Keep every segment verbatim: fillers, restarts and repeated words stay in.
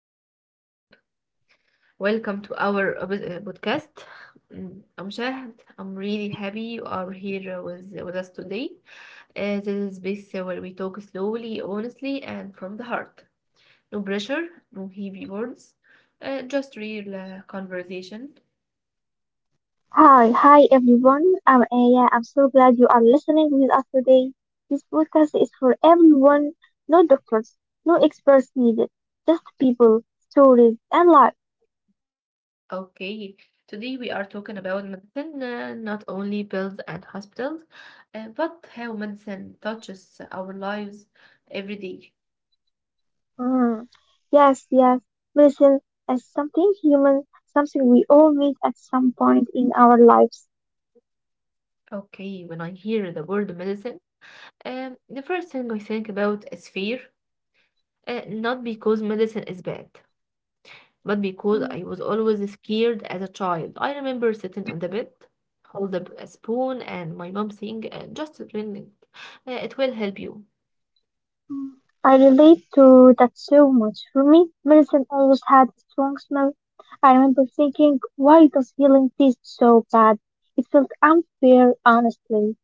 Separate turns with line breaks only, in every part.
hello everyone. Welcome to our uh, pod- uh, podcast. Mm, I'm Shahd. I'm really happy you are here uh, with, uh, with us today. Uh, this is space uh, where we talk slowly, honestly, and from the heart. No pressure, no heavy words, uh, just real uh, conversation.
Hi, hi everyone. I'm Aya. I'm so glad you are listening with us today. This podcast is for everyone. No doctors, no experts needed. Just people, stories, and life.
Okay, today we are talking about medicine, uh, not only pills and hospitals, uh, but how medicine touches our lives every day.
Mm. Yes, yes. Medicine is something human, something we all need at some point in our lives.
Okay, when I hear the word medicine, um, the first thing I think about is fear. Uh, not because medicine is bad, but because
Hmm.
I was always scared as a child. I remember sitting on the bed, hold up a spoon, and my mom saying, uh, "Just drink it. Uh, it will help you."
Mm, I relate to that so much. For me, medicine always had a strong smell. I remember thinking, why does healing taste so bad? It felt unfair, honestly.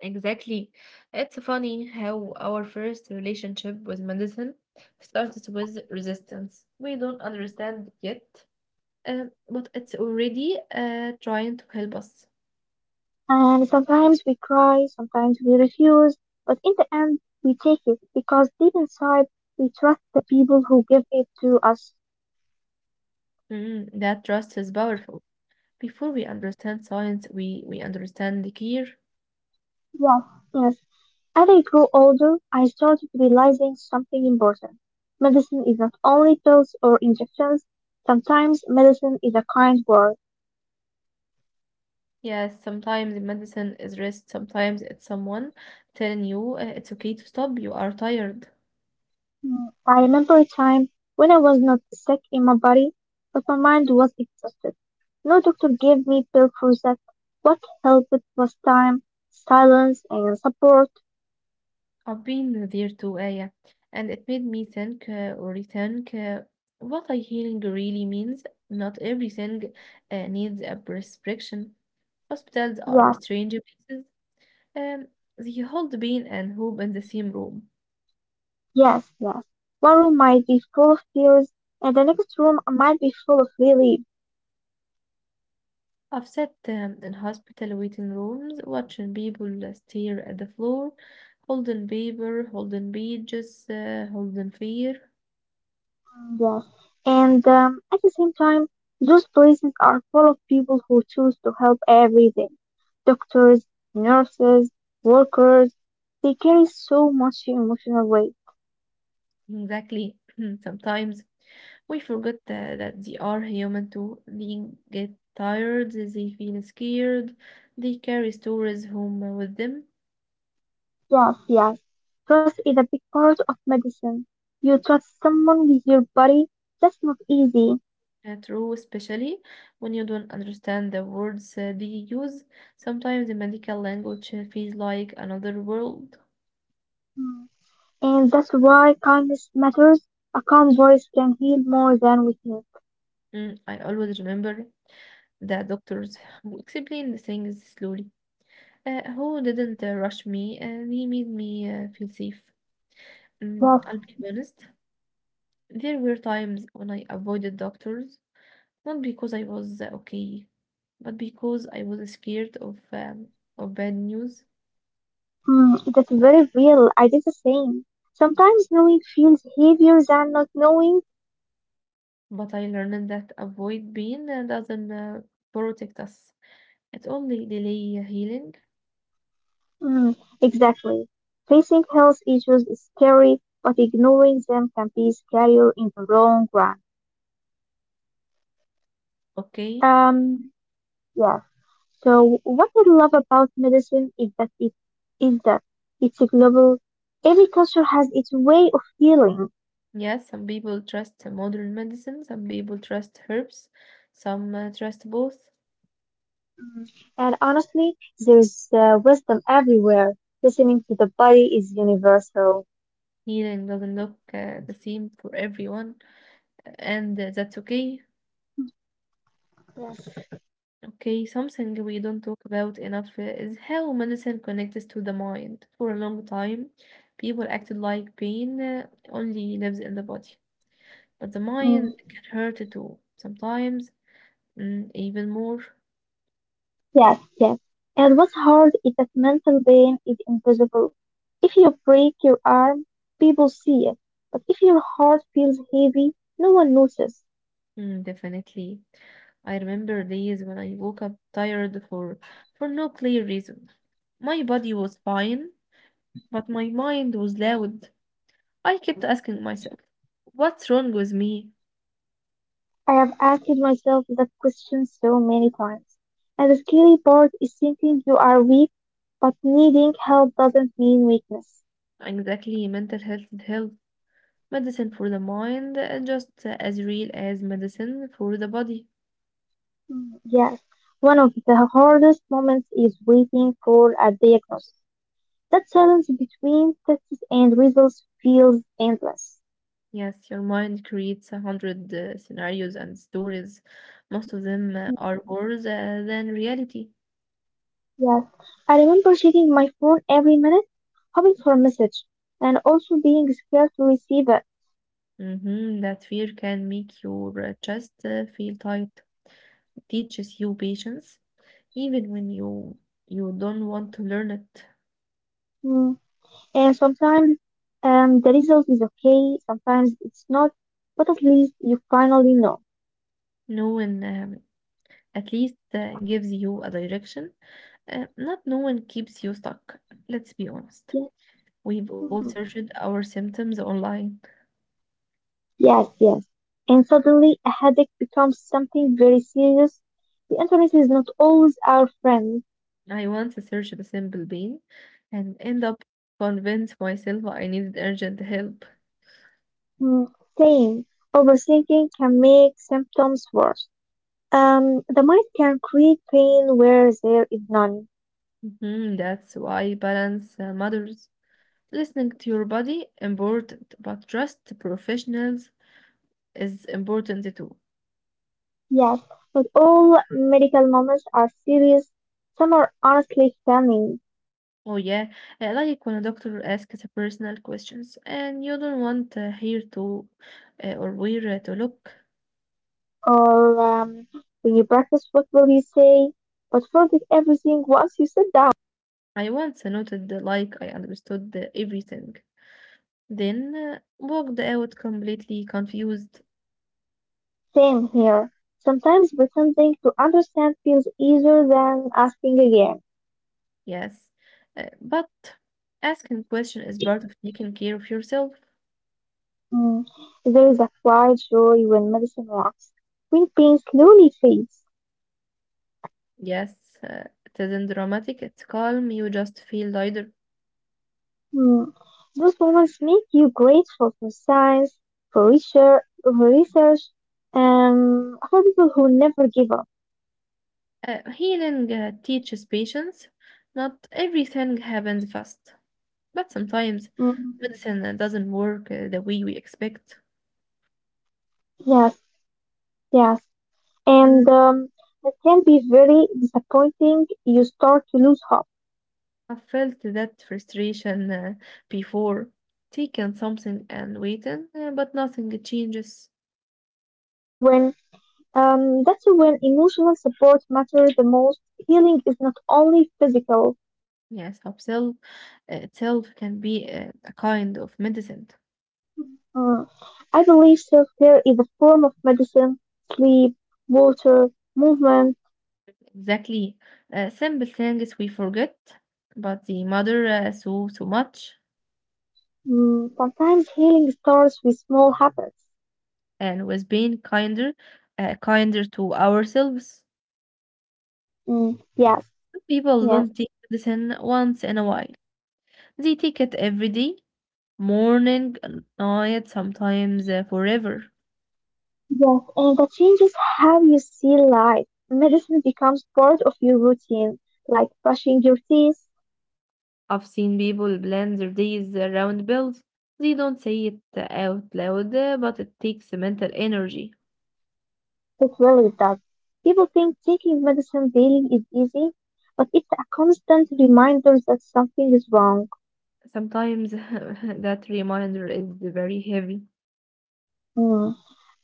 Exactly. It's funny how our first relationship with medicine started with resistance. We don't understand yet, uh, but it's already uh, trying to help us.
And sometimes we cry, sometimes we refuse, but in the end, we take it because deep inside, we trust the people who give it to us.
Mm, that trust is powerful. Before we understand science, we, we understand the care.
Yes, yes. As I grew older, I started realizing something important. Medicine is not only pills or injections. Sometimes medicine is a kind word.
Yes, sometimes the medicine is rest, sometimes it's someone telling you uh, it's okay to stop, you are tired.
Mm, I remember a time when I was not sick in my body, but my mind was exhausted. No doctor gave me pill for that. What helped was time, silence, and support.
I've been there too, Aya, and it made me think uh, or rethink uh, what a healing really means. Not everything uh, needs a prescription. Hospitals are
Yes,
strange places. Um, they hold pain and hope in the same room.
yes, yes. One room might be full of tears, and the next room might be full of relief.
I've sat um, in hospital waiting rooms, watching people uh, stare at the floor, holding paper, holding pages, uh, holding fear.
Yes, and um, at the same time, those places are full of people who choose to help every day. Doctors, nurses, workers, they carry so much emotional weight.
Exactly. Sometimes we forget that, that they are human too. They get tired, they feel scared, they carry stories home with them.
Yes, yes. Trust is a big part of medicine. You trust someone with your body, that's not easy.
Uh, True, especially when you don't understand the words uh, they use. Sometimes the medical language uh, feels like another world.
Mm. And that's why kindness matters. A calm voice can heal more than we think.
Mm, I always remember that doctors who explained the things slowly, uh, who didn't uh, rush me, and they made me uh, feel safe. Mm,
Yes,
I'll be honest, there were times when I avoided doctors, not because I was uh, okay, but because I was scared of um, of bad news.
Hmm, that's very real. I did the same. Sometimes knowing feels heavier than not knowing.
But I learned that avoid pain uh, doesn't uh, protect us. It only delay healing.
Hmm, exactly. Facing health issues is scary, but ignoring them can be scarier in the long run.
Okay.
Um, yeah. So what I love about medicine is that it is that it's a global. Every culture has its way of healing.
Yes, some people trust modern medicine, some people trust herbs, some uh, trust both.
Hmm, And honestly, there's uh, wisdom everywhere. Listening to the body is universal.
Healing doesn't look uh, the same for everyone, and uh, that's okay.
Yes.
Okay, something we don't talk about enough uh, is how medicine connects to the mind. For a long time, people acted like pain uh, only lives in the body. But the
Hmm.
mind can hurt too, sometimes mm, even more.
Yes, yes. And what's hard is that mental pain is invisible. If you break your arm, people see it. But if your heart feels heavy, no one notices.
Mm, definitely. I remember days when I woke up tired for for no clear reason. My body was fine, but my mind was loud. I kept asking myself, what's wrong with me?
I have asked myself that question so many times. And the scary part is thinking you are weak, but needing help doesn't mean weakness.
Exactly, mental health is health. Medicine for the mind, uh, just as real as medicine for the body.
Mm, yes, one of the hardest moments is waiting for a diagnosis. That silence between tests and results feels endless.
Yes, your mind creates a hundred uh, scenarios and stories. Most of them uh, are worse uh, than reality.
Yes, I remember checking my phone every minute, hoping for a message, and also being scared to receive it.
hmm That fear can make your uh, chest uh, feel tight. It teaches you patience, even when you you don't want to learn it.
Mm. And sometimes um, the result is okay, sometimes it's not, but at least you finally know.
Knowing um, at least uh, gives you a direction. Uh, not knowing keeps you stuck. Let's be honest.
Yes,
We've all
mhm.
searched our symptoms online.
Yes, yes. And suddenly a headache becomes something very serious. The internet is not always our friend.
I once searched a simple bean and end up convinced myself I needed urgent help.
Mm. Same. Overthinking can make symptoms worse. Um, the mind can create pain where there is none.
Mhm, that's why balance uh, matters. Listening to your body important, but trust professionals is important too.
Yes, but all medical moments are serious. Some are honestly funny.
Oh yeah, I like when a doctor asks a personal questions and you don't want uh, here to uh, or where to look.
Or um, when you practice, what will you say? But forget everything once you sit down.
I once noted uh, like I understood uh, everything, then uh, walked out completely confused.
Same here. Sometimes pretending to understand feels easier than asking again.
Yes, uh, but asking question is part of taking care of yourself.
Mm, There is a quiet joy when medicine works, when pain slowly fades.
Yes, uh, it isn't dramatic, it's calm, you just feel lighter.
Hmm. Those moments make you grateful for science, for research, for research, and for people who never give up.
Uh, healing uh, teaches patience. Not everything happens fast, but sometimes
Mm,
medicine uh, doesn't work uh, the way we expect.
yes, yes.
Mm,
And um, it can be very disappointing. You start to lose hope.
I felt that frustration uh, before, taking something and waiting, uh, but nothing changes.
When um, That's when emotional support matters the most. Healing is not only physical.
Yes, Upsell uh, itself can be uh, a kind of medicine.
Mm. I believe self care is a form of medicine. Sleep, water, movement.
Exactly. Uh, simple things we forget, but the mother uh, saw so much,
Mm, sometimes healing starts with small habits.
and was being kinder, uh, kinder to ourselves.
Mm, yes,
People
yes,
don't take medicine once in a while. They take it every day, morning, night, sometimes uh, forever.
yes, and that changes how you see life. Medicine becomes part of your routine, like brushing your teeth.
I've seen people plan their days around bills. They don't say it out loud, uh, but it takes mental energy.
It really does. People think taking medicine daily is easy, but it's a constant reminder that something is wrong.
Sometimes that reminder is very heavy.
Mm.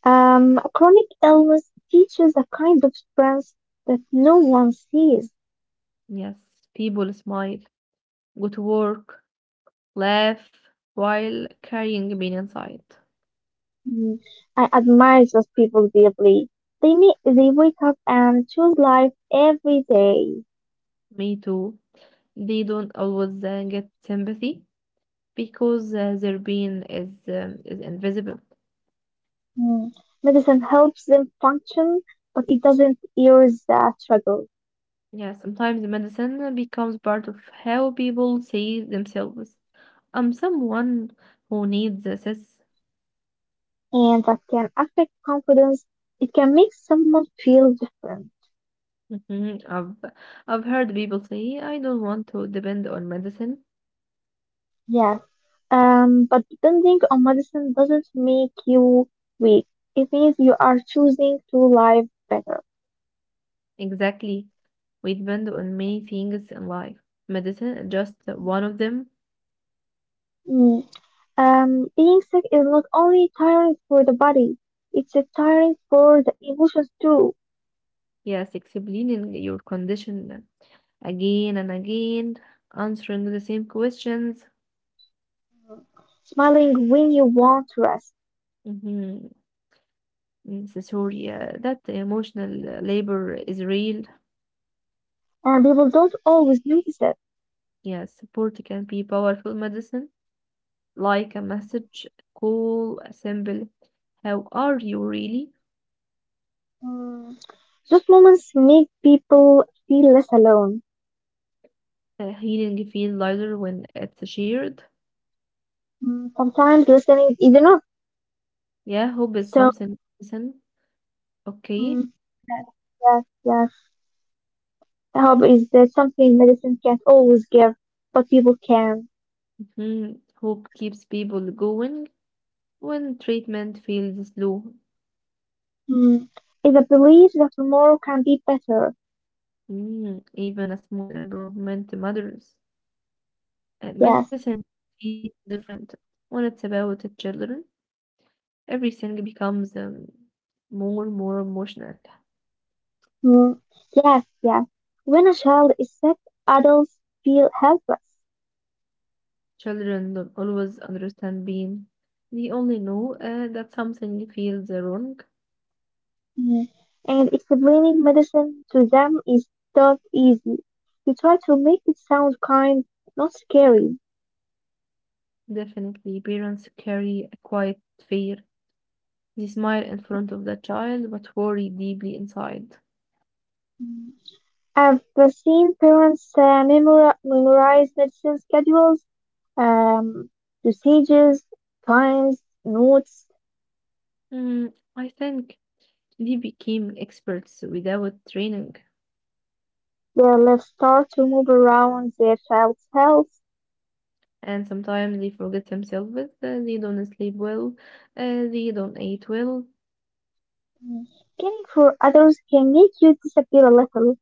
Um, chronic illness teaches a kind of strength that no one sees.
Yes, people smile, go to work, laugh while carrying pain inside.
Mm, I admire those people deeply. They may, they wake up and choose life every day.
Me too. They don't always uh, get sympathy because uh, their pain is um, is invisible.
Mm, Medicine helps them function, but it doesn't erase the struggle,
Yeah, sometimes the medicine becomes part of how people see themselves. I'm someone who needs assist.
and that can affect confidence. It can make someone feel different.
I've I've heard people say I don't want to depend on medicine.
Yes, um, but depending on medicine doesn't make you weak. It means you are choosing to live better.
Exactly. We depend on many things in life. Medicine is just one of them.
Mm, Um, being sick is not only tiring for the body, it's a tiring for the emotions too.
Yes, explaining your condition again and again, answering the same questions.
Smiling when you want to rest,
Mm-hmm. Mm, So sorry, uh, that emotional uh, labor is real.
and people don't always notice it.
Yes, support can be powerful medicine, like a message, call, a symbol. How are you really?
Mm. Those moments make people feel less alone.
Uh, healing feel lighter when it's shared.
Mm. Sometimes listening is enough.
Yeah, hope is
So,
something. Listen, okay.
mm, yes, yes, yes. Help is uh, something medicine can't always give, but people can.
Mm, hope keeps people going when treatment feels slow.
Mm. It's a belief that tomorrow can be better.
Mm, even a small improvement matters. And
Yes.
medicine is different when it's about the children. Everything becomes um, more and more emotional.
Mm, yes, yes. When a child is sick, adults feel helpless.
Children don't always understand pain. They only know uh, that something feels wrong.
Mm. And explaining medicine to them is not easy. You try to make it sound kind, not scary.
Definitely, parents carry a quiet fear. They smile in
Mm.
front of the child but worry deeply inside.
Mm. I've seen parents uh, memori- memorize medicine schedules, um, dosages, times, notes.
Mm, I think they became experts without training,
Their left start to move around their child's health.
and sometimes they forget themselves. Uh, they don't sleep well, uh, they don't eat well.
Mm. Caring for others can make you disappear a little.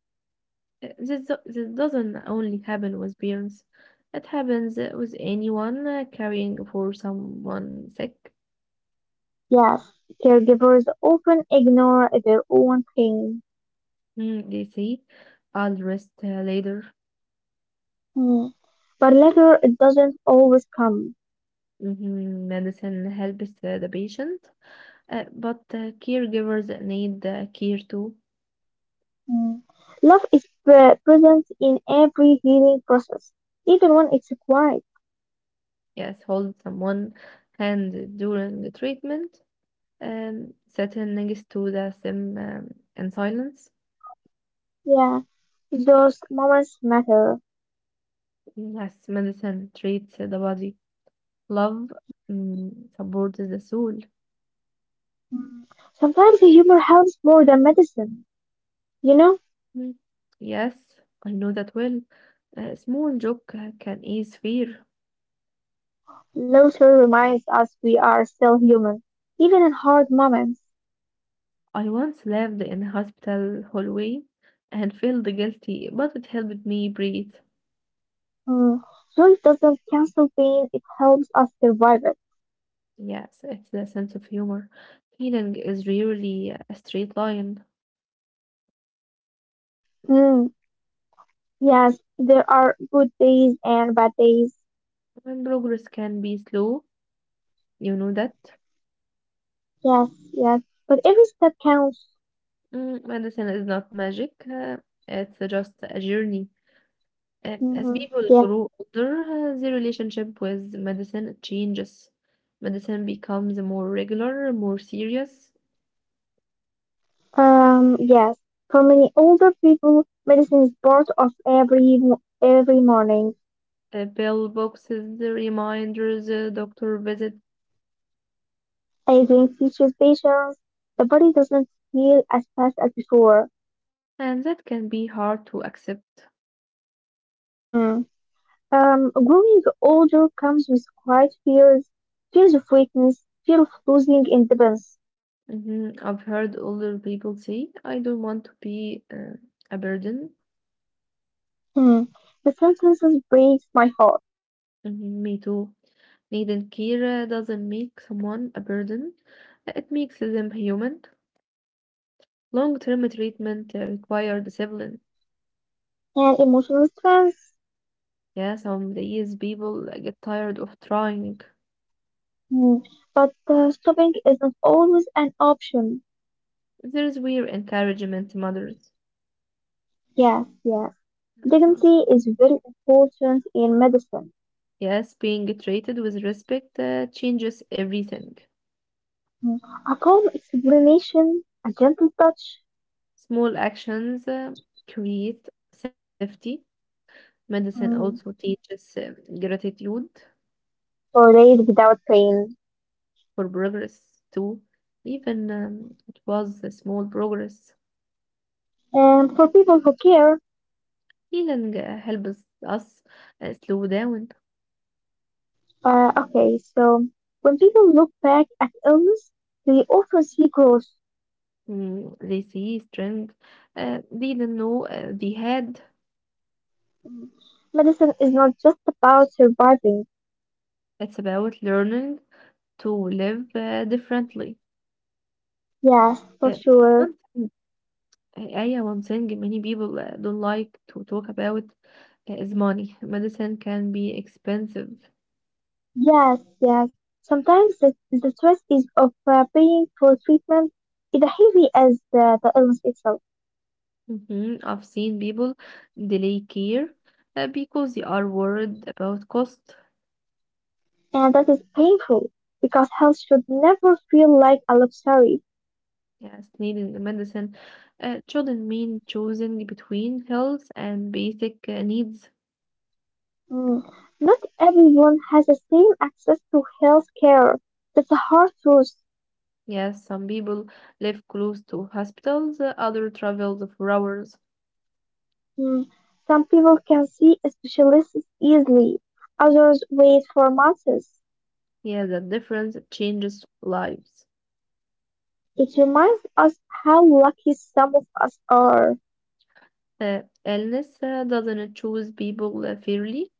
Uh, This, do- this doesn't only happen with parents, it happens uh, with anyone uh, caring for someone sick.
Yes, caregivers often ignore their own pain.
Mm, they say, I'll rest uh, later.
Mm, but later it doesn't always come.
Mhm, medicine helps uh, the patient, uh, but uh, caregivers need uh, care too.
mm, Love is pre- present in every healing process, even when it's quiet.
Yes, hold someone hand during the treatment and sitting next to the sim um, in silence.
Mm, yeah, those moments matter.
Yes, medicine treats the body. Love
Mm.
mm, supports the soul.
Mm. Sometimes humor helps more than medicine. You know,
Mm. Yes, I know that well. A small joke uh, can ease fear.
Laughter reminds us we are still human, even in hard moments.
I once lived in a hospital hallway and felt guilty, but it helped me breathe.
Mm. Joy doesn't cancel pain, it helps us survive it.
Yes, it's the sense of humor. Healing is really a straight line.
Mm, yes, there are good days and bad days.
And progress can be slow, you know that.
Yes, yes. But every step counts.
Mm, medicine is not magic, uh, it's just a journey. And as
Mm-hmm.
people
Yeah.
grow older, uh, their relationship with medicine changes. Medicine becomes more regular, more serious.
Um, yes. For many older people, medicine is part of every mo- every morning.
Uh, pill boxes, the reminders, uh, doctor visit,
Aging teaches patience. The body doesn't heal as fast as before.
and that can be hard to accept.
Hmm. Um, growing older comes with quiet fears, fears of weakness, fear of losing independence.
Mhm, I've heard older people say, I don't want to be uh, a burden.
Hmm. The sentences breaks my heart
Mhm, me too. Needing care doesn't make someone a burden, it makes them human. Long-term treatment uh, require discipline.
and emotional strength.
Yeah, some days people uh, get tired of trying.
Hmm, But uh, stopping isn't always an option.
There is where encouragement matters.
Yes, yes.
Mhm.
Dignity is very important in medicine.
Yes, being treated with respect uh, changes everything.
Hmm, A calm explanation, a gentle touch,
Small actions uh, create safety. Medicine also
hmm,
teaches uh, gratitude.
for days without pain.
For progress too, even um, it was a small progress.
And for people who care.
Healing uh, helps us uh, slow down.
Uh, okay, so when people look back at illness, they often see growth.
Mm, they see strength uh, they didn't know uh, they had.
Hmm, Medicine is not just about surviving.
It's about learning to live uh, differently.
Yes,
Uh,
for sure.
one thing, yeah, One thing many people uh, don't like to talk about uh, is money. Medicine can be expensive.
Yes, yes. Sometimes the, the stress is of uh, paying for treatment is as heavy as the, the illness itself,
Mhm, I've seen people delay care uh, because they are worried about cost.
and that is painful because health should never feel like a luxury.
Yes, needing the medicine uh, shouldn't mean choosing between health and basic uh, needs.
Mm. Not everyone has the same access to health care. That's a hard truth.
Yes, some people live close to hospitals, uh, other travel for hours.
Mm. Some people can see a specialist easily, others wait for months.
Yeah, that difference changes lives.
It reminds us how lucky some of us are,
Uh, illness uh, doesn't choose people uh, fairly.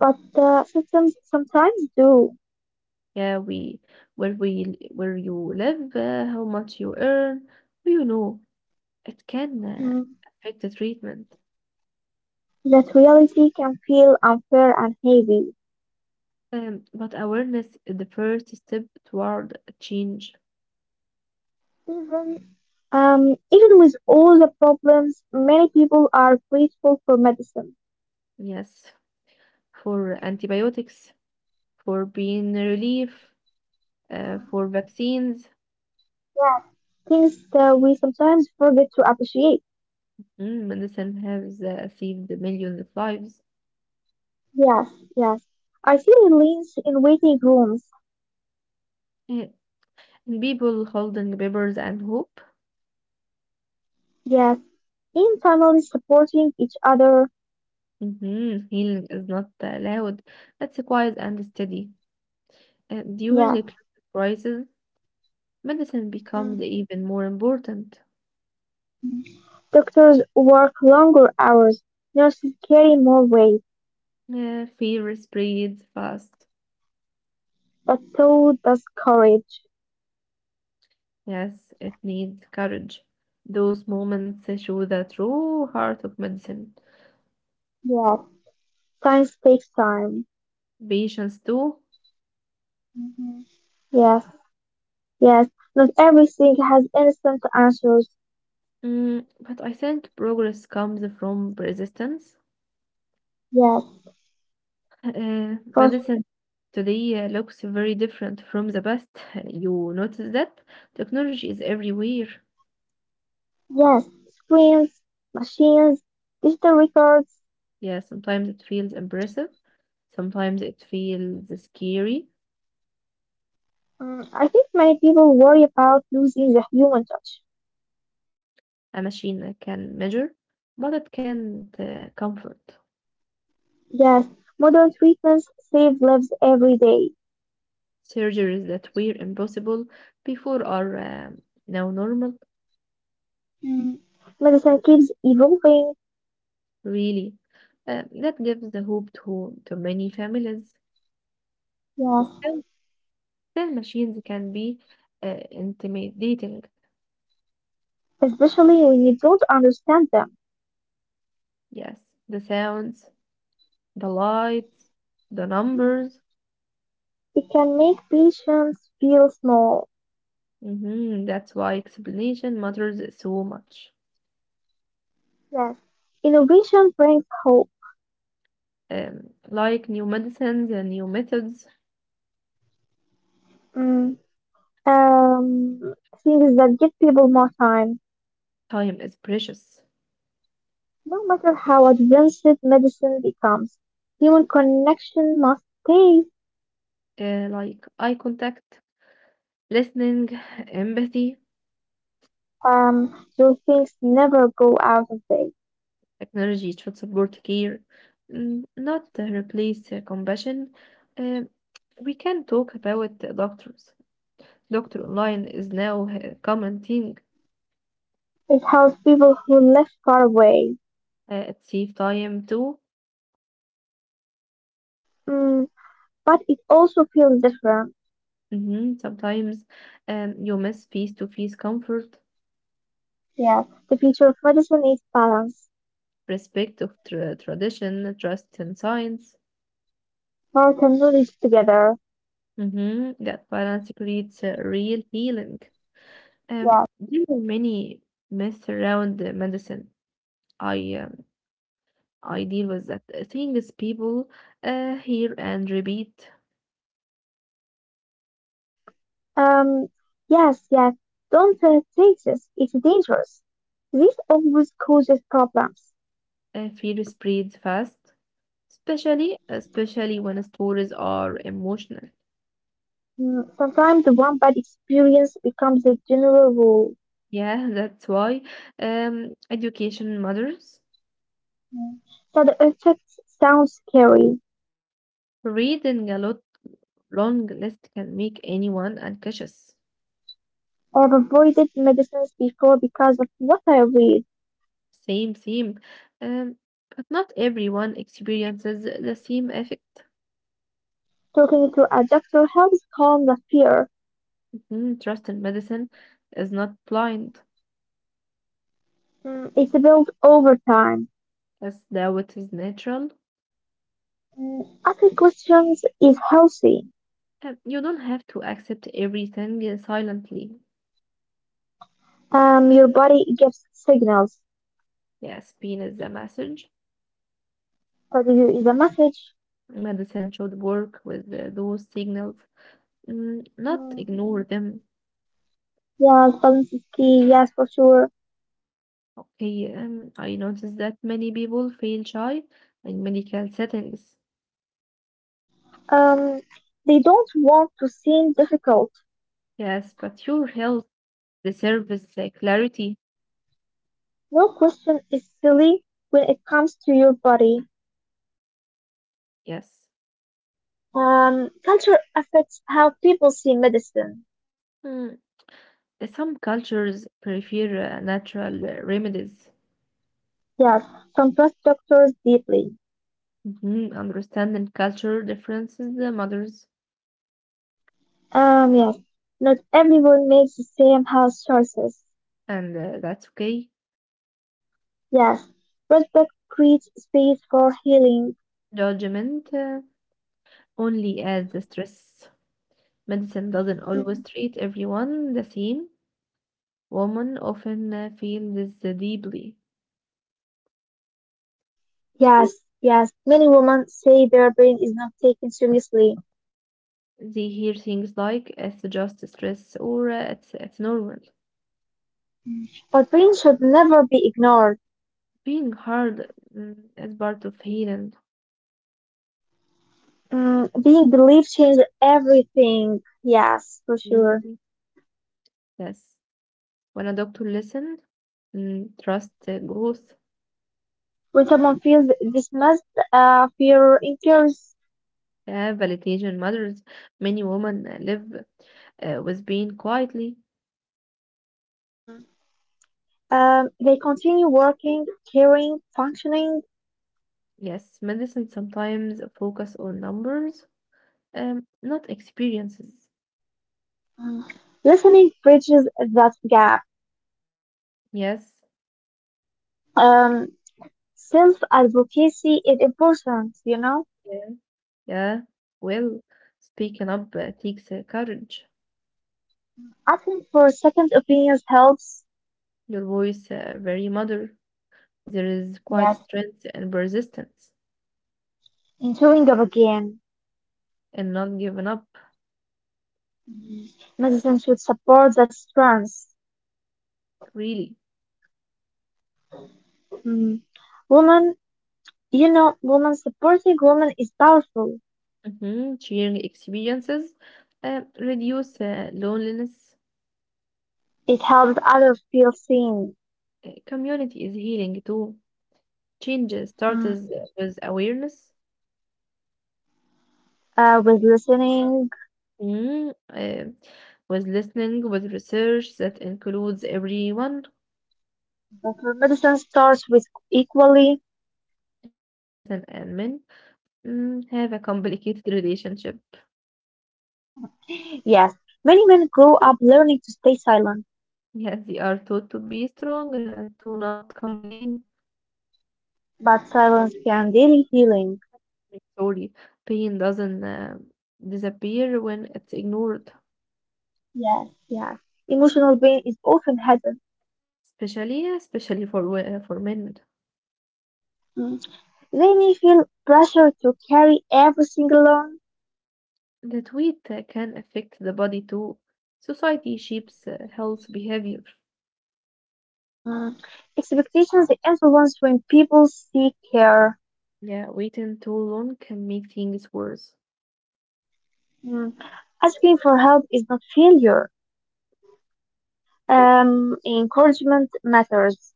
but uh, systems sometimes do.
Yeah, we where we where you live, uh, how much you earn, you know it can uh,
Mm,
affect the treatment,
that reality can feel unfair and heavy.
um, but awareness is the first step toward change.
Even, um, even with all the problems, many people are grateful for medicine.
Yes, for antibiotics, for pain relief, uh, for vaccines.
Yeah. Things that we sometimes forget to appreciate.
Mm, medicine has uh, saved millions of lives.
Yes, yes. I see Reliance in waiting rooms.
Yeah. And people holding papers and hope.
Yes. In families supporting each other.
Mhm, healing is not allowed. That's quiet and steady. Uh, during
Yeah.
a crisis, medicine becomes
Mhm.
even more important.
Doctors work longer hours. Nurses carry more weight.
Yeah, fear spreads fast.
But so does courage.
Yes, it needs courage. Those moments show the true heart of medicine.
Yes. Science takes time.
Patience too.
Mhm. Yes, yes. Not everything has instant answers.
Mm, but I think progress comes from resistance.
Yes,
Uh,
for
medicine today uh, looks very different from the past. You notice that technology is everywhere.
yes, screens, machines, digital records.
Yeah, sometimes it feels impressive. Sometimes it feels scary.
Mm, I think many people worry about losing the human touch.
A machine can measure, but it can't uh, comfort.
Yes, modern treatments save lives every day.
Surgeries that were impossible before are um, now normal,
Mm. Medicine keeps evolving.
really. Uh, that gives the hope to, to many families.
Yes,
Still, still machines can be uh, intimidating.
especially when you don't understand them.
Yes, the sounds, the lights, the
Yeah.
numbers.
It can make patients feel small.
hmm That's why explanation matters so much.
Yes, innovation brings hope.
Um, like new medicines and new methods,
Mm, um, Things that give people more time.
time is precious.
No matter how advanced medicine becomes, human connection must stay.
Uh, like eye contact, listening, empathy.
Um, those things never go out of date.
Technology should support care, mm, not uh, replace uh, compassion. Uh, we can talk about the doctors. Doctor online is now a common thing.
It helps people who live far away.
Uh, it saves time too.
Mm, but it also feels different.
Mhm. Sometimes um, you miss face to face comfort,
Yeah, the future of medicine is balance.
respect of tra- tradition, trust in science.
Heart and knowledge together.
Mhm. That balance creates a real healing. Um,
Yeah.
there are many myths around the medicine. I um, I deal with that. Uh, Things people uh, hear and repeat.
Um, yes, yes. Don't uh, take this. It's dangerous. This always causes problems.
Uh, fear spreads fast, especially especially when stories are emotional.
Mm, Sometimes one bad experience becomes a general rule.
Yeah, that's why um, education matters.
Mm. Side effects sound scary.
Reading a lot long list can make anyone unconscious.
I have avoided medicines before because of what I read.
Same, same. Um, but not everyone experiences the same effect.
Talking to a doctor helps calm the fear.
Mm, trust in medicine is not blind,
Mm, It's built over time.
as though it is natural,
Mm, Asking questions is healthy.
and you don't have to accept everything silently.
Um, your body gives signals.
Yes, pain is a message.
But if it is a message.
Medicine should work with uh, those signals, mm, not
Mm,
ignore them.
yes, balance is key. Yes, for sure.
Okay, um, I noticed that many people feel shy in medical settings.
Um, they don't want to seem difficult.
Yes, but your health deserves uh, clarity.
No question is silly when it comes to your body.
Yes.
Um, culture affects how people see medicine.
Mm, some cultures prefer uh, natural uh, remedies.
Yes, some trust doctors deeply.
Mhm. Understand and culture differences uh, matters,
Um, yes, not everyone makes the same health choices.
and uh, that's okay.
Yes, respect creates space for healing.
Judgment uh, only adds the stress. Medicine doesn't always
Mm,
treat everyone the same. Women often uh, feel this uh, deeply.
yes, yes, many women say their brain is not taken seriously,
They hear things like it's just stress or uh, it's, it's normal.
but brain should never be ignored.
Being hard, mm, is part of healing.
Mm, being believed changes everything. Yes, for sure.
Mhm. Yes. When a doctor listens, mm, trust uh, grows.
When someone feels dismissed, uh, fear incurs.
Yeah, validation matters. Many women live uh, with pain quietly.
Mm, um, they continue working, caring, functioning.
Yes, medicine sometimes focus on numbers, um, not experiences.
mm, Listening bridges that gap.
Yes,
Um, Self advocacy is important, you know?
yeah, yeah. Well, speaking up uh, takes uh, courage.
Asking for second opinions helps,
Your voice, uh, very mother. There is quite
yes,
strength and persistence,
in showing up again.
and not giving up.
Mm, Medicine should support that strength.
Really,
mm, Woman, you know, Woman supporting woman is powerful.
mm-hmm. Sharing experiences uh, reduce uh, loneliness.
It helps others feel seen.
Uh, community is healing too. Change starts
Mm.
with awareness,
Uh, with listening.
mm, uh, with listening, with research that includes everyone.
Natural medicine starts with equally.
Yes, medicine and men, mm, have a complicated relationship.
Yes, many men grow up learning to stay silent,
Yes, they are taught to be strong, uh, to not complain.
but silence can delay healing.
Sorry, pain doesn't uh, disappear when it's ignored,
Yes, yes. Emotional pain is often hidden.
especially especially for wo- for men.
Mm. They may feel pressure to carry everything alone.
That weight uh, can affect the body too. Society shapes uh, health behavior.
Mm. Expectations influence when people seek care.
Yeah, waiting too long can make things worse.
Mm. Asking for help is not failure. Um, encouragement matters.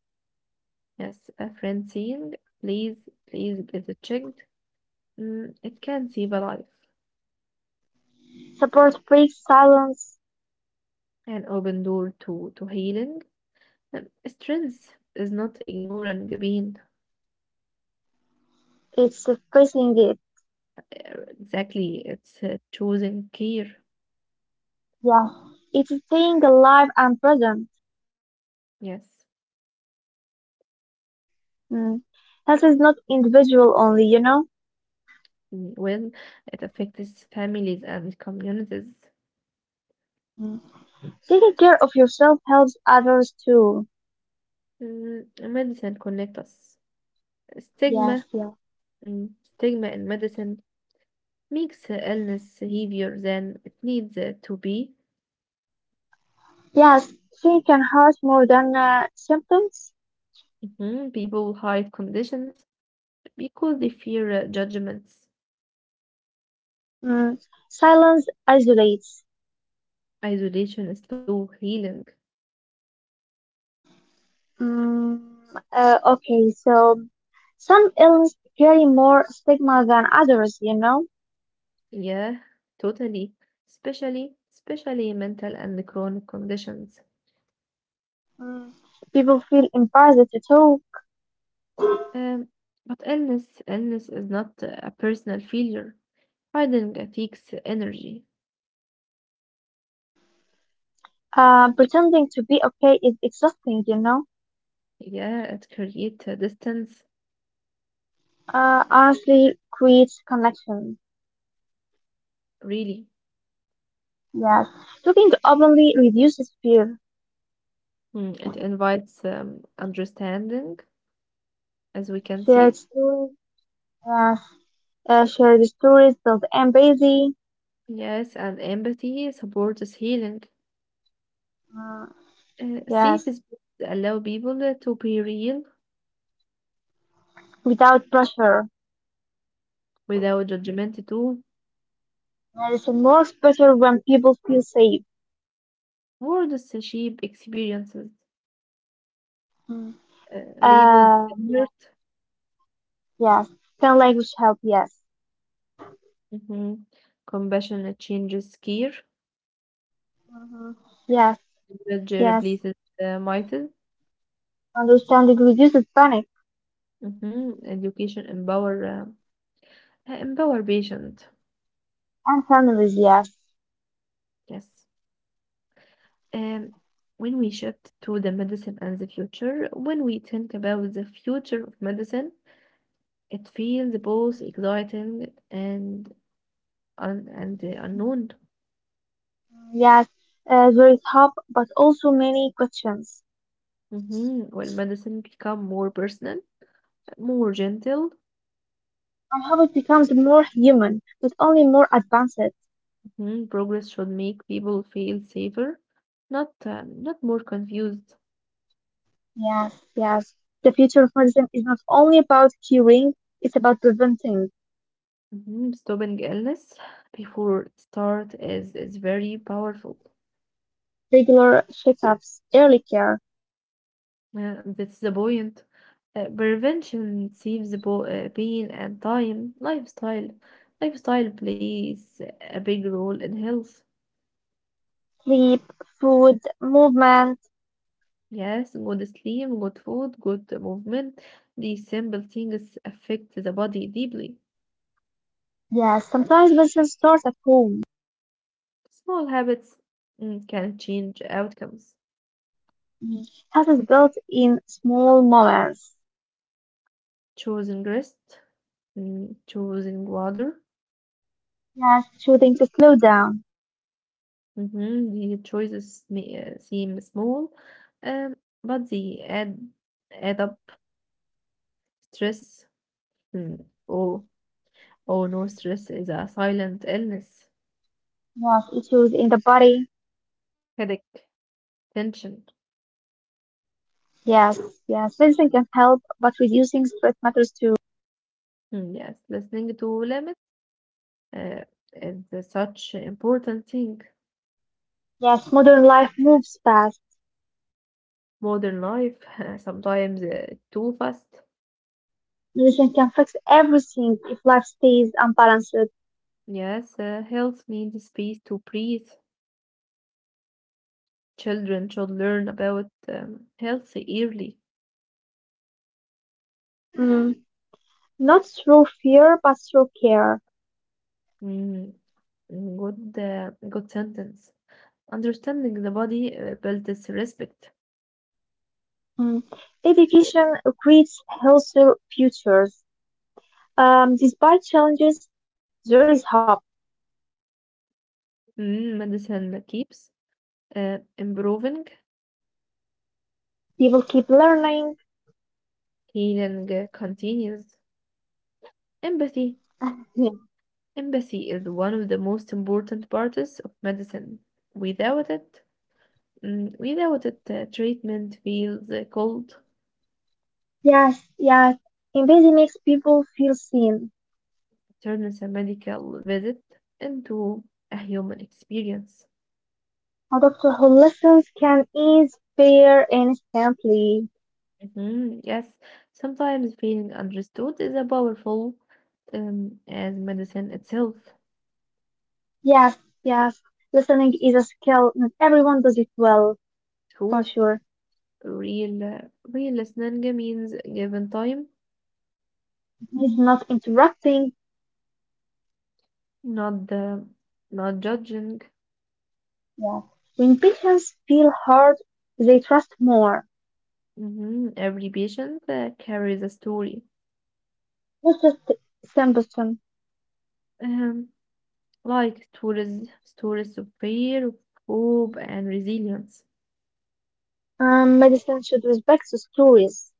Yes, a friend saying, please, please get it checked. Mm, it can save a life.
Support breaks silence.
An open door to, to healing. Um, strength is not ignoring pain.
It's facing it.
Uh, Exactly, it's uh, choosing care.
Yeah, it's staying alive and present.
Yes.
Mm. Health is not individual only, you know?
Mm, well, it affects families and communities.
Mm. Taking care of yourself helps others too.
Mm, medicine connect us. Stigma,
Yes, yeah.
mm, stigma in medicine makes uh, illness heavier than it needs uh, to be.
Yes, pain can hurt more than uh, symptoms.
Mhm. People hide conditions because they fear uh, judgments.
Mm. Silence isolates.
Isolation is slow healing.
Mm. Uh, okay, so some illnesses carry more stigma than others, you know?
Yeah, totally. Especially, especially mental and chronic conditions.
Mm. People feel embarrassed to talk.
Um, but illness, illness is not uh, a personal failure. Hiding uh, takes energy.
Uh, pretending to be okay is exhausting, you know?
Yeah, it creates uh, distance.
Uh, honestly creates connection.
Really,
Yes. Talking openly reduces fear.
mm, it invites um, understanding, as we can
Shared
see.
stories. Yes. Uh, shared stories build empathy.
Yes, and empathy supports healing.
Mm,
Uh, safe
yes.
spaces allow people to be real
Without pressure.
without judgment to
Medicine works better when people feel safe.
words shape experiences
Mm.
uh, labeled
Uh,
hurt.
yes. Can language help? Yes.
Hmm. Compassion changes care.
Hmm, yes.
Knowledge
Yes.
replaces uh, myths.
Understanding reduces panic.
Hmm. Education empower uh, empower patient.
And families, yes.
Yes. Um, when we shift to the medicine and the future, When we think about the future of medicine, it feels both exciting and un and uh, unknown.
Mm, yes. Uh, there is hope, but also many questions.
Mhm. Will medicine become more personal, more gentle?
And how it becomes more human, but only more advanced.
Mhm. Progress should make people feel safer, not um, not more confused.
Yes. Yes, the future of medicine is not only about curing, it's about preventing
Mhm. Stopping illness before start is is very powerful.
regular checkups, early care,
Yeah, that's the point. Uh, prevention saves bo- uh, pain and time. Lifestyle, lifestyle plays a big role in health.
sleep, food, movement.
Yes, good sleep, good food, good movement. These simple things affect the body deeply.
Yes. Sometimes medicine starts at home.
Small habits, mm, can change outcomes.
Mm. Health is built in small moments.
Choosing rest, mm, choosing water.
Yes. Choosing to slow down.
Mm-hmm. The choices may uh, seem small, um, but they add add up stress. Mm. Oh, oh no, stress is a silent illness.
Yes. Issues in the body.
Headache, tension.
Yes. Yes, medicine can help, but reducing stress matters too.
Mm, yes, listening to limits, uh, it's a such important thing.
Yes. Modern life moves fast.
Modern life sometimes uh, too fast.
Religion can fix everything if life stays unbalanced.
Yes, uh, health needs space to breathe. Children should learn about um, health early.
Mm. Not through fear, but through care.
Mm, mm, good, uh, good sentence. Understanding the body uh, builds respect.
Mm. Education creates healthier futures. Um, despite challenges, there is hope.
Mm, medicine keeps uh, improving.
People keep learning.
Healing uh, continues. Empathy Empathy is one of the most important parts of medicine. Without it, mm, without it, uh, treatment feels uh, cold.
Yes, yes. Empathy makes people feel seen.
It turns a medical visit into a human experience.
A doctor who listens can ease fear instantly.
Mhm. Yes, sometimes feeling understood is a powerful, um, as medicine itself.
Yes, yes. Listening is a skill. Not everyone does it well, for
True,
sure.
real, uh, real listening means given time,
It's not interrupting.
not the, not judging.
Yeah. When patients feel heard, they trust more.
Mhm. Every patient uh, carries a story.
Not just symptom.
Um, like stories, stories of fear, of hope, and resilience.
Um, medicine should respect the stories.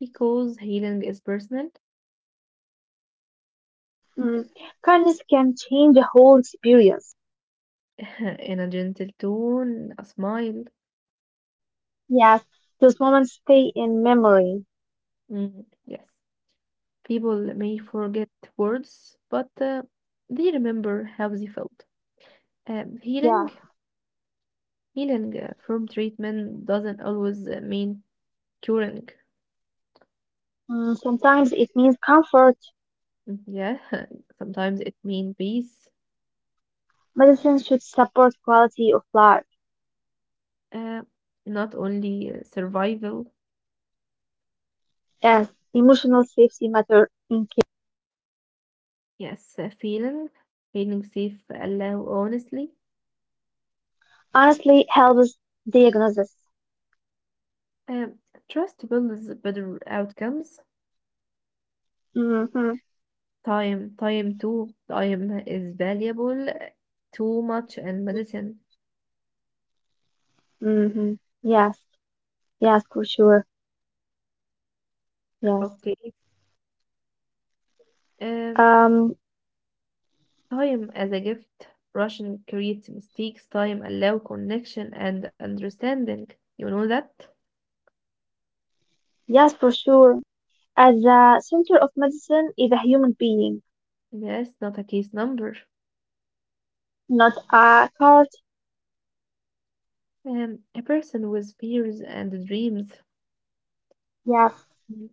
Because healing is personal,
Mm. Kindness can change the whole experience.
in a gentle tone, a smile.
Yes, those moments stay in memory.
Mm, yes, people may forget words, but uh, they remember how they felt. Um, healing,
Yeah.
healing uh, from treatment doesn't always uh, mean curing.
Mm, sometimes it means comfort.
Mm, yeah, sometimes it means peace,
Medicine should support quality of life.
uh, not only uh, survival.
Yes, emotional safety matter in care.
Yes, uh, feeling feeling safe, uh, allow honestly.
Honestly, helps diagnosis.
Um, trust builds better outcomes.
Mm-hmm.
Time, time too. Time is valuable, uh, too much in medicine.
Mm-hmm. Yes. Yes, for sure. Yes.
Okay. Um,
Um,
time as a gift. Russian creates mistakes. Time allow connection and understanding. You know that?
Yes, for sure. At the center of medicine is a human being,
Yes, not a case number.
not a cart.
Um, a person with fears and dreams.
Yes,
Hmm.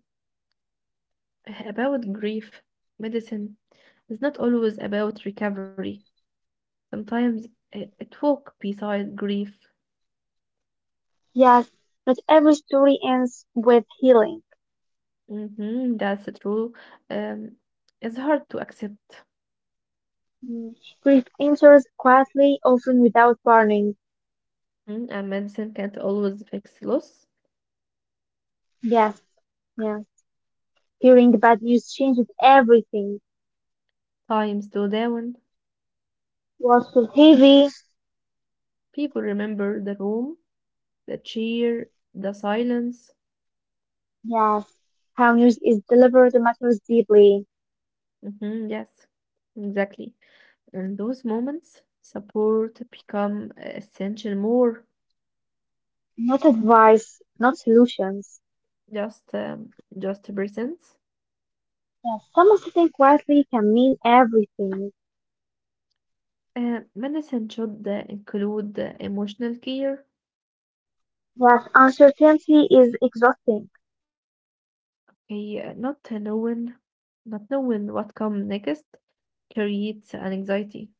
About grief, medicine is not always about recovery. Sometimes it, it walk beside grief.
yes. Not every story ends with healing.
Hmm, that's true. Um, it's hard to accept,
Mm. Grief enters quietly, often without warning.
mm, and medicine can't always fix loss.
Yes, yes. Hearing the bad news changes everything.
Times slow down.
What felt heavy?
People remember the room, the cheer, the silence.
Yes. How news is delivered matters deeply.
Hmm, yes, exactly. In those moments, support become essential more,
Not advice, not solutions.
just um, just presence.
Yes, someone sitting quietly can mean everything.
Uh, medicine should uh, include uh, emotional care,
Yes, uncertainty is exhausting.
uh, not knowing, not knowing what come next creates an anxiety.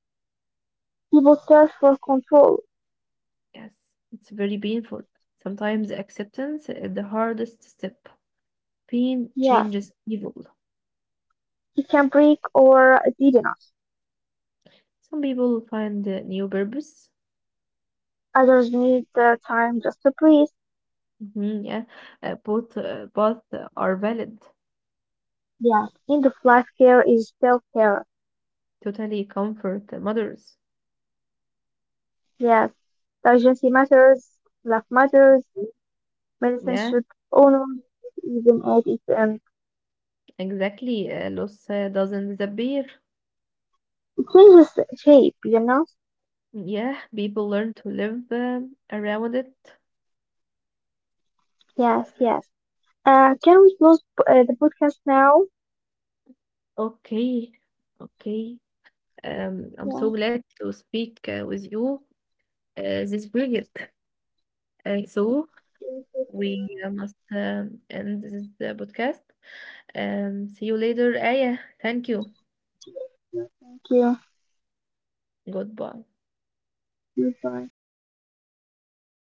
People search for control.
Yes, it's very painful. Sometimes acceptance is the hardest step. Pain
Yes,
changes evil.
it can break or it didn't.
Some people find a new purpose.
Others need the time just to breathe.
Mhm, yeah, uh, both uh, both are valid.
Yes, end of life care is self care.
Totally comfort mothers.
Yes, the urgency matters, life matters, medicine
Yeah,
should honor even at it um,
exactly. Uh, loss uh, doesn't disappear.
It changes shape, you know?
Yeah, people learn to live um, around it.
Yes, yes. Uh, can we close uh, the podcast now?
Okay, okay. Um, I'm
Yes.
so glad to speak uh, with you uh, this brilliant. Uh, so
Thank
we uh, must um, end this uh, podcast. Um, see you later, Aya. Thank you.
you. Thank
Goodbye.
you. Goodbye.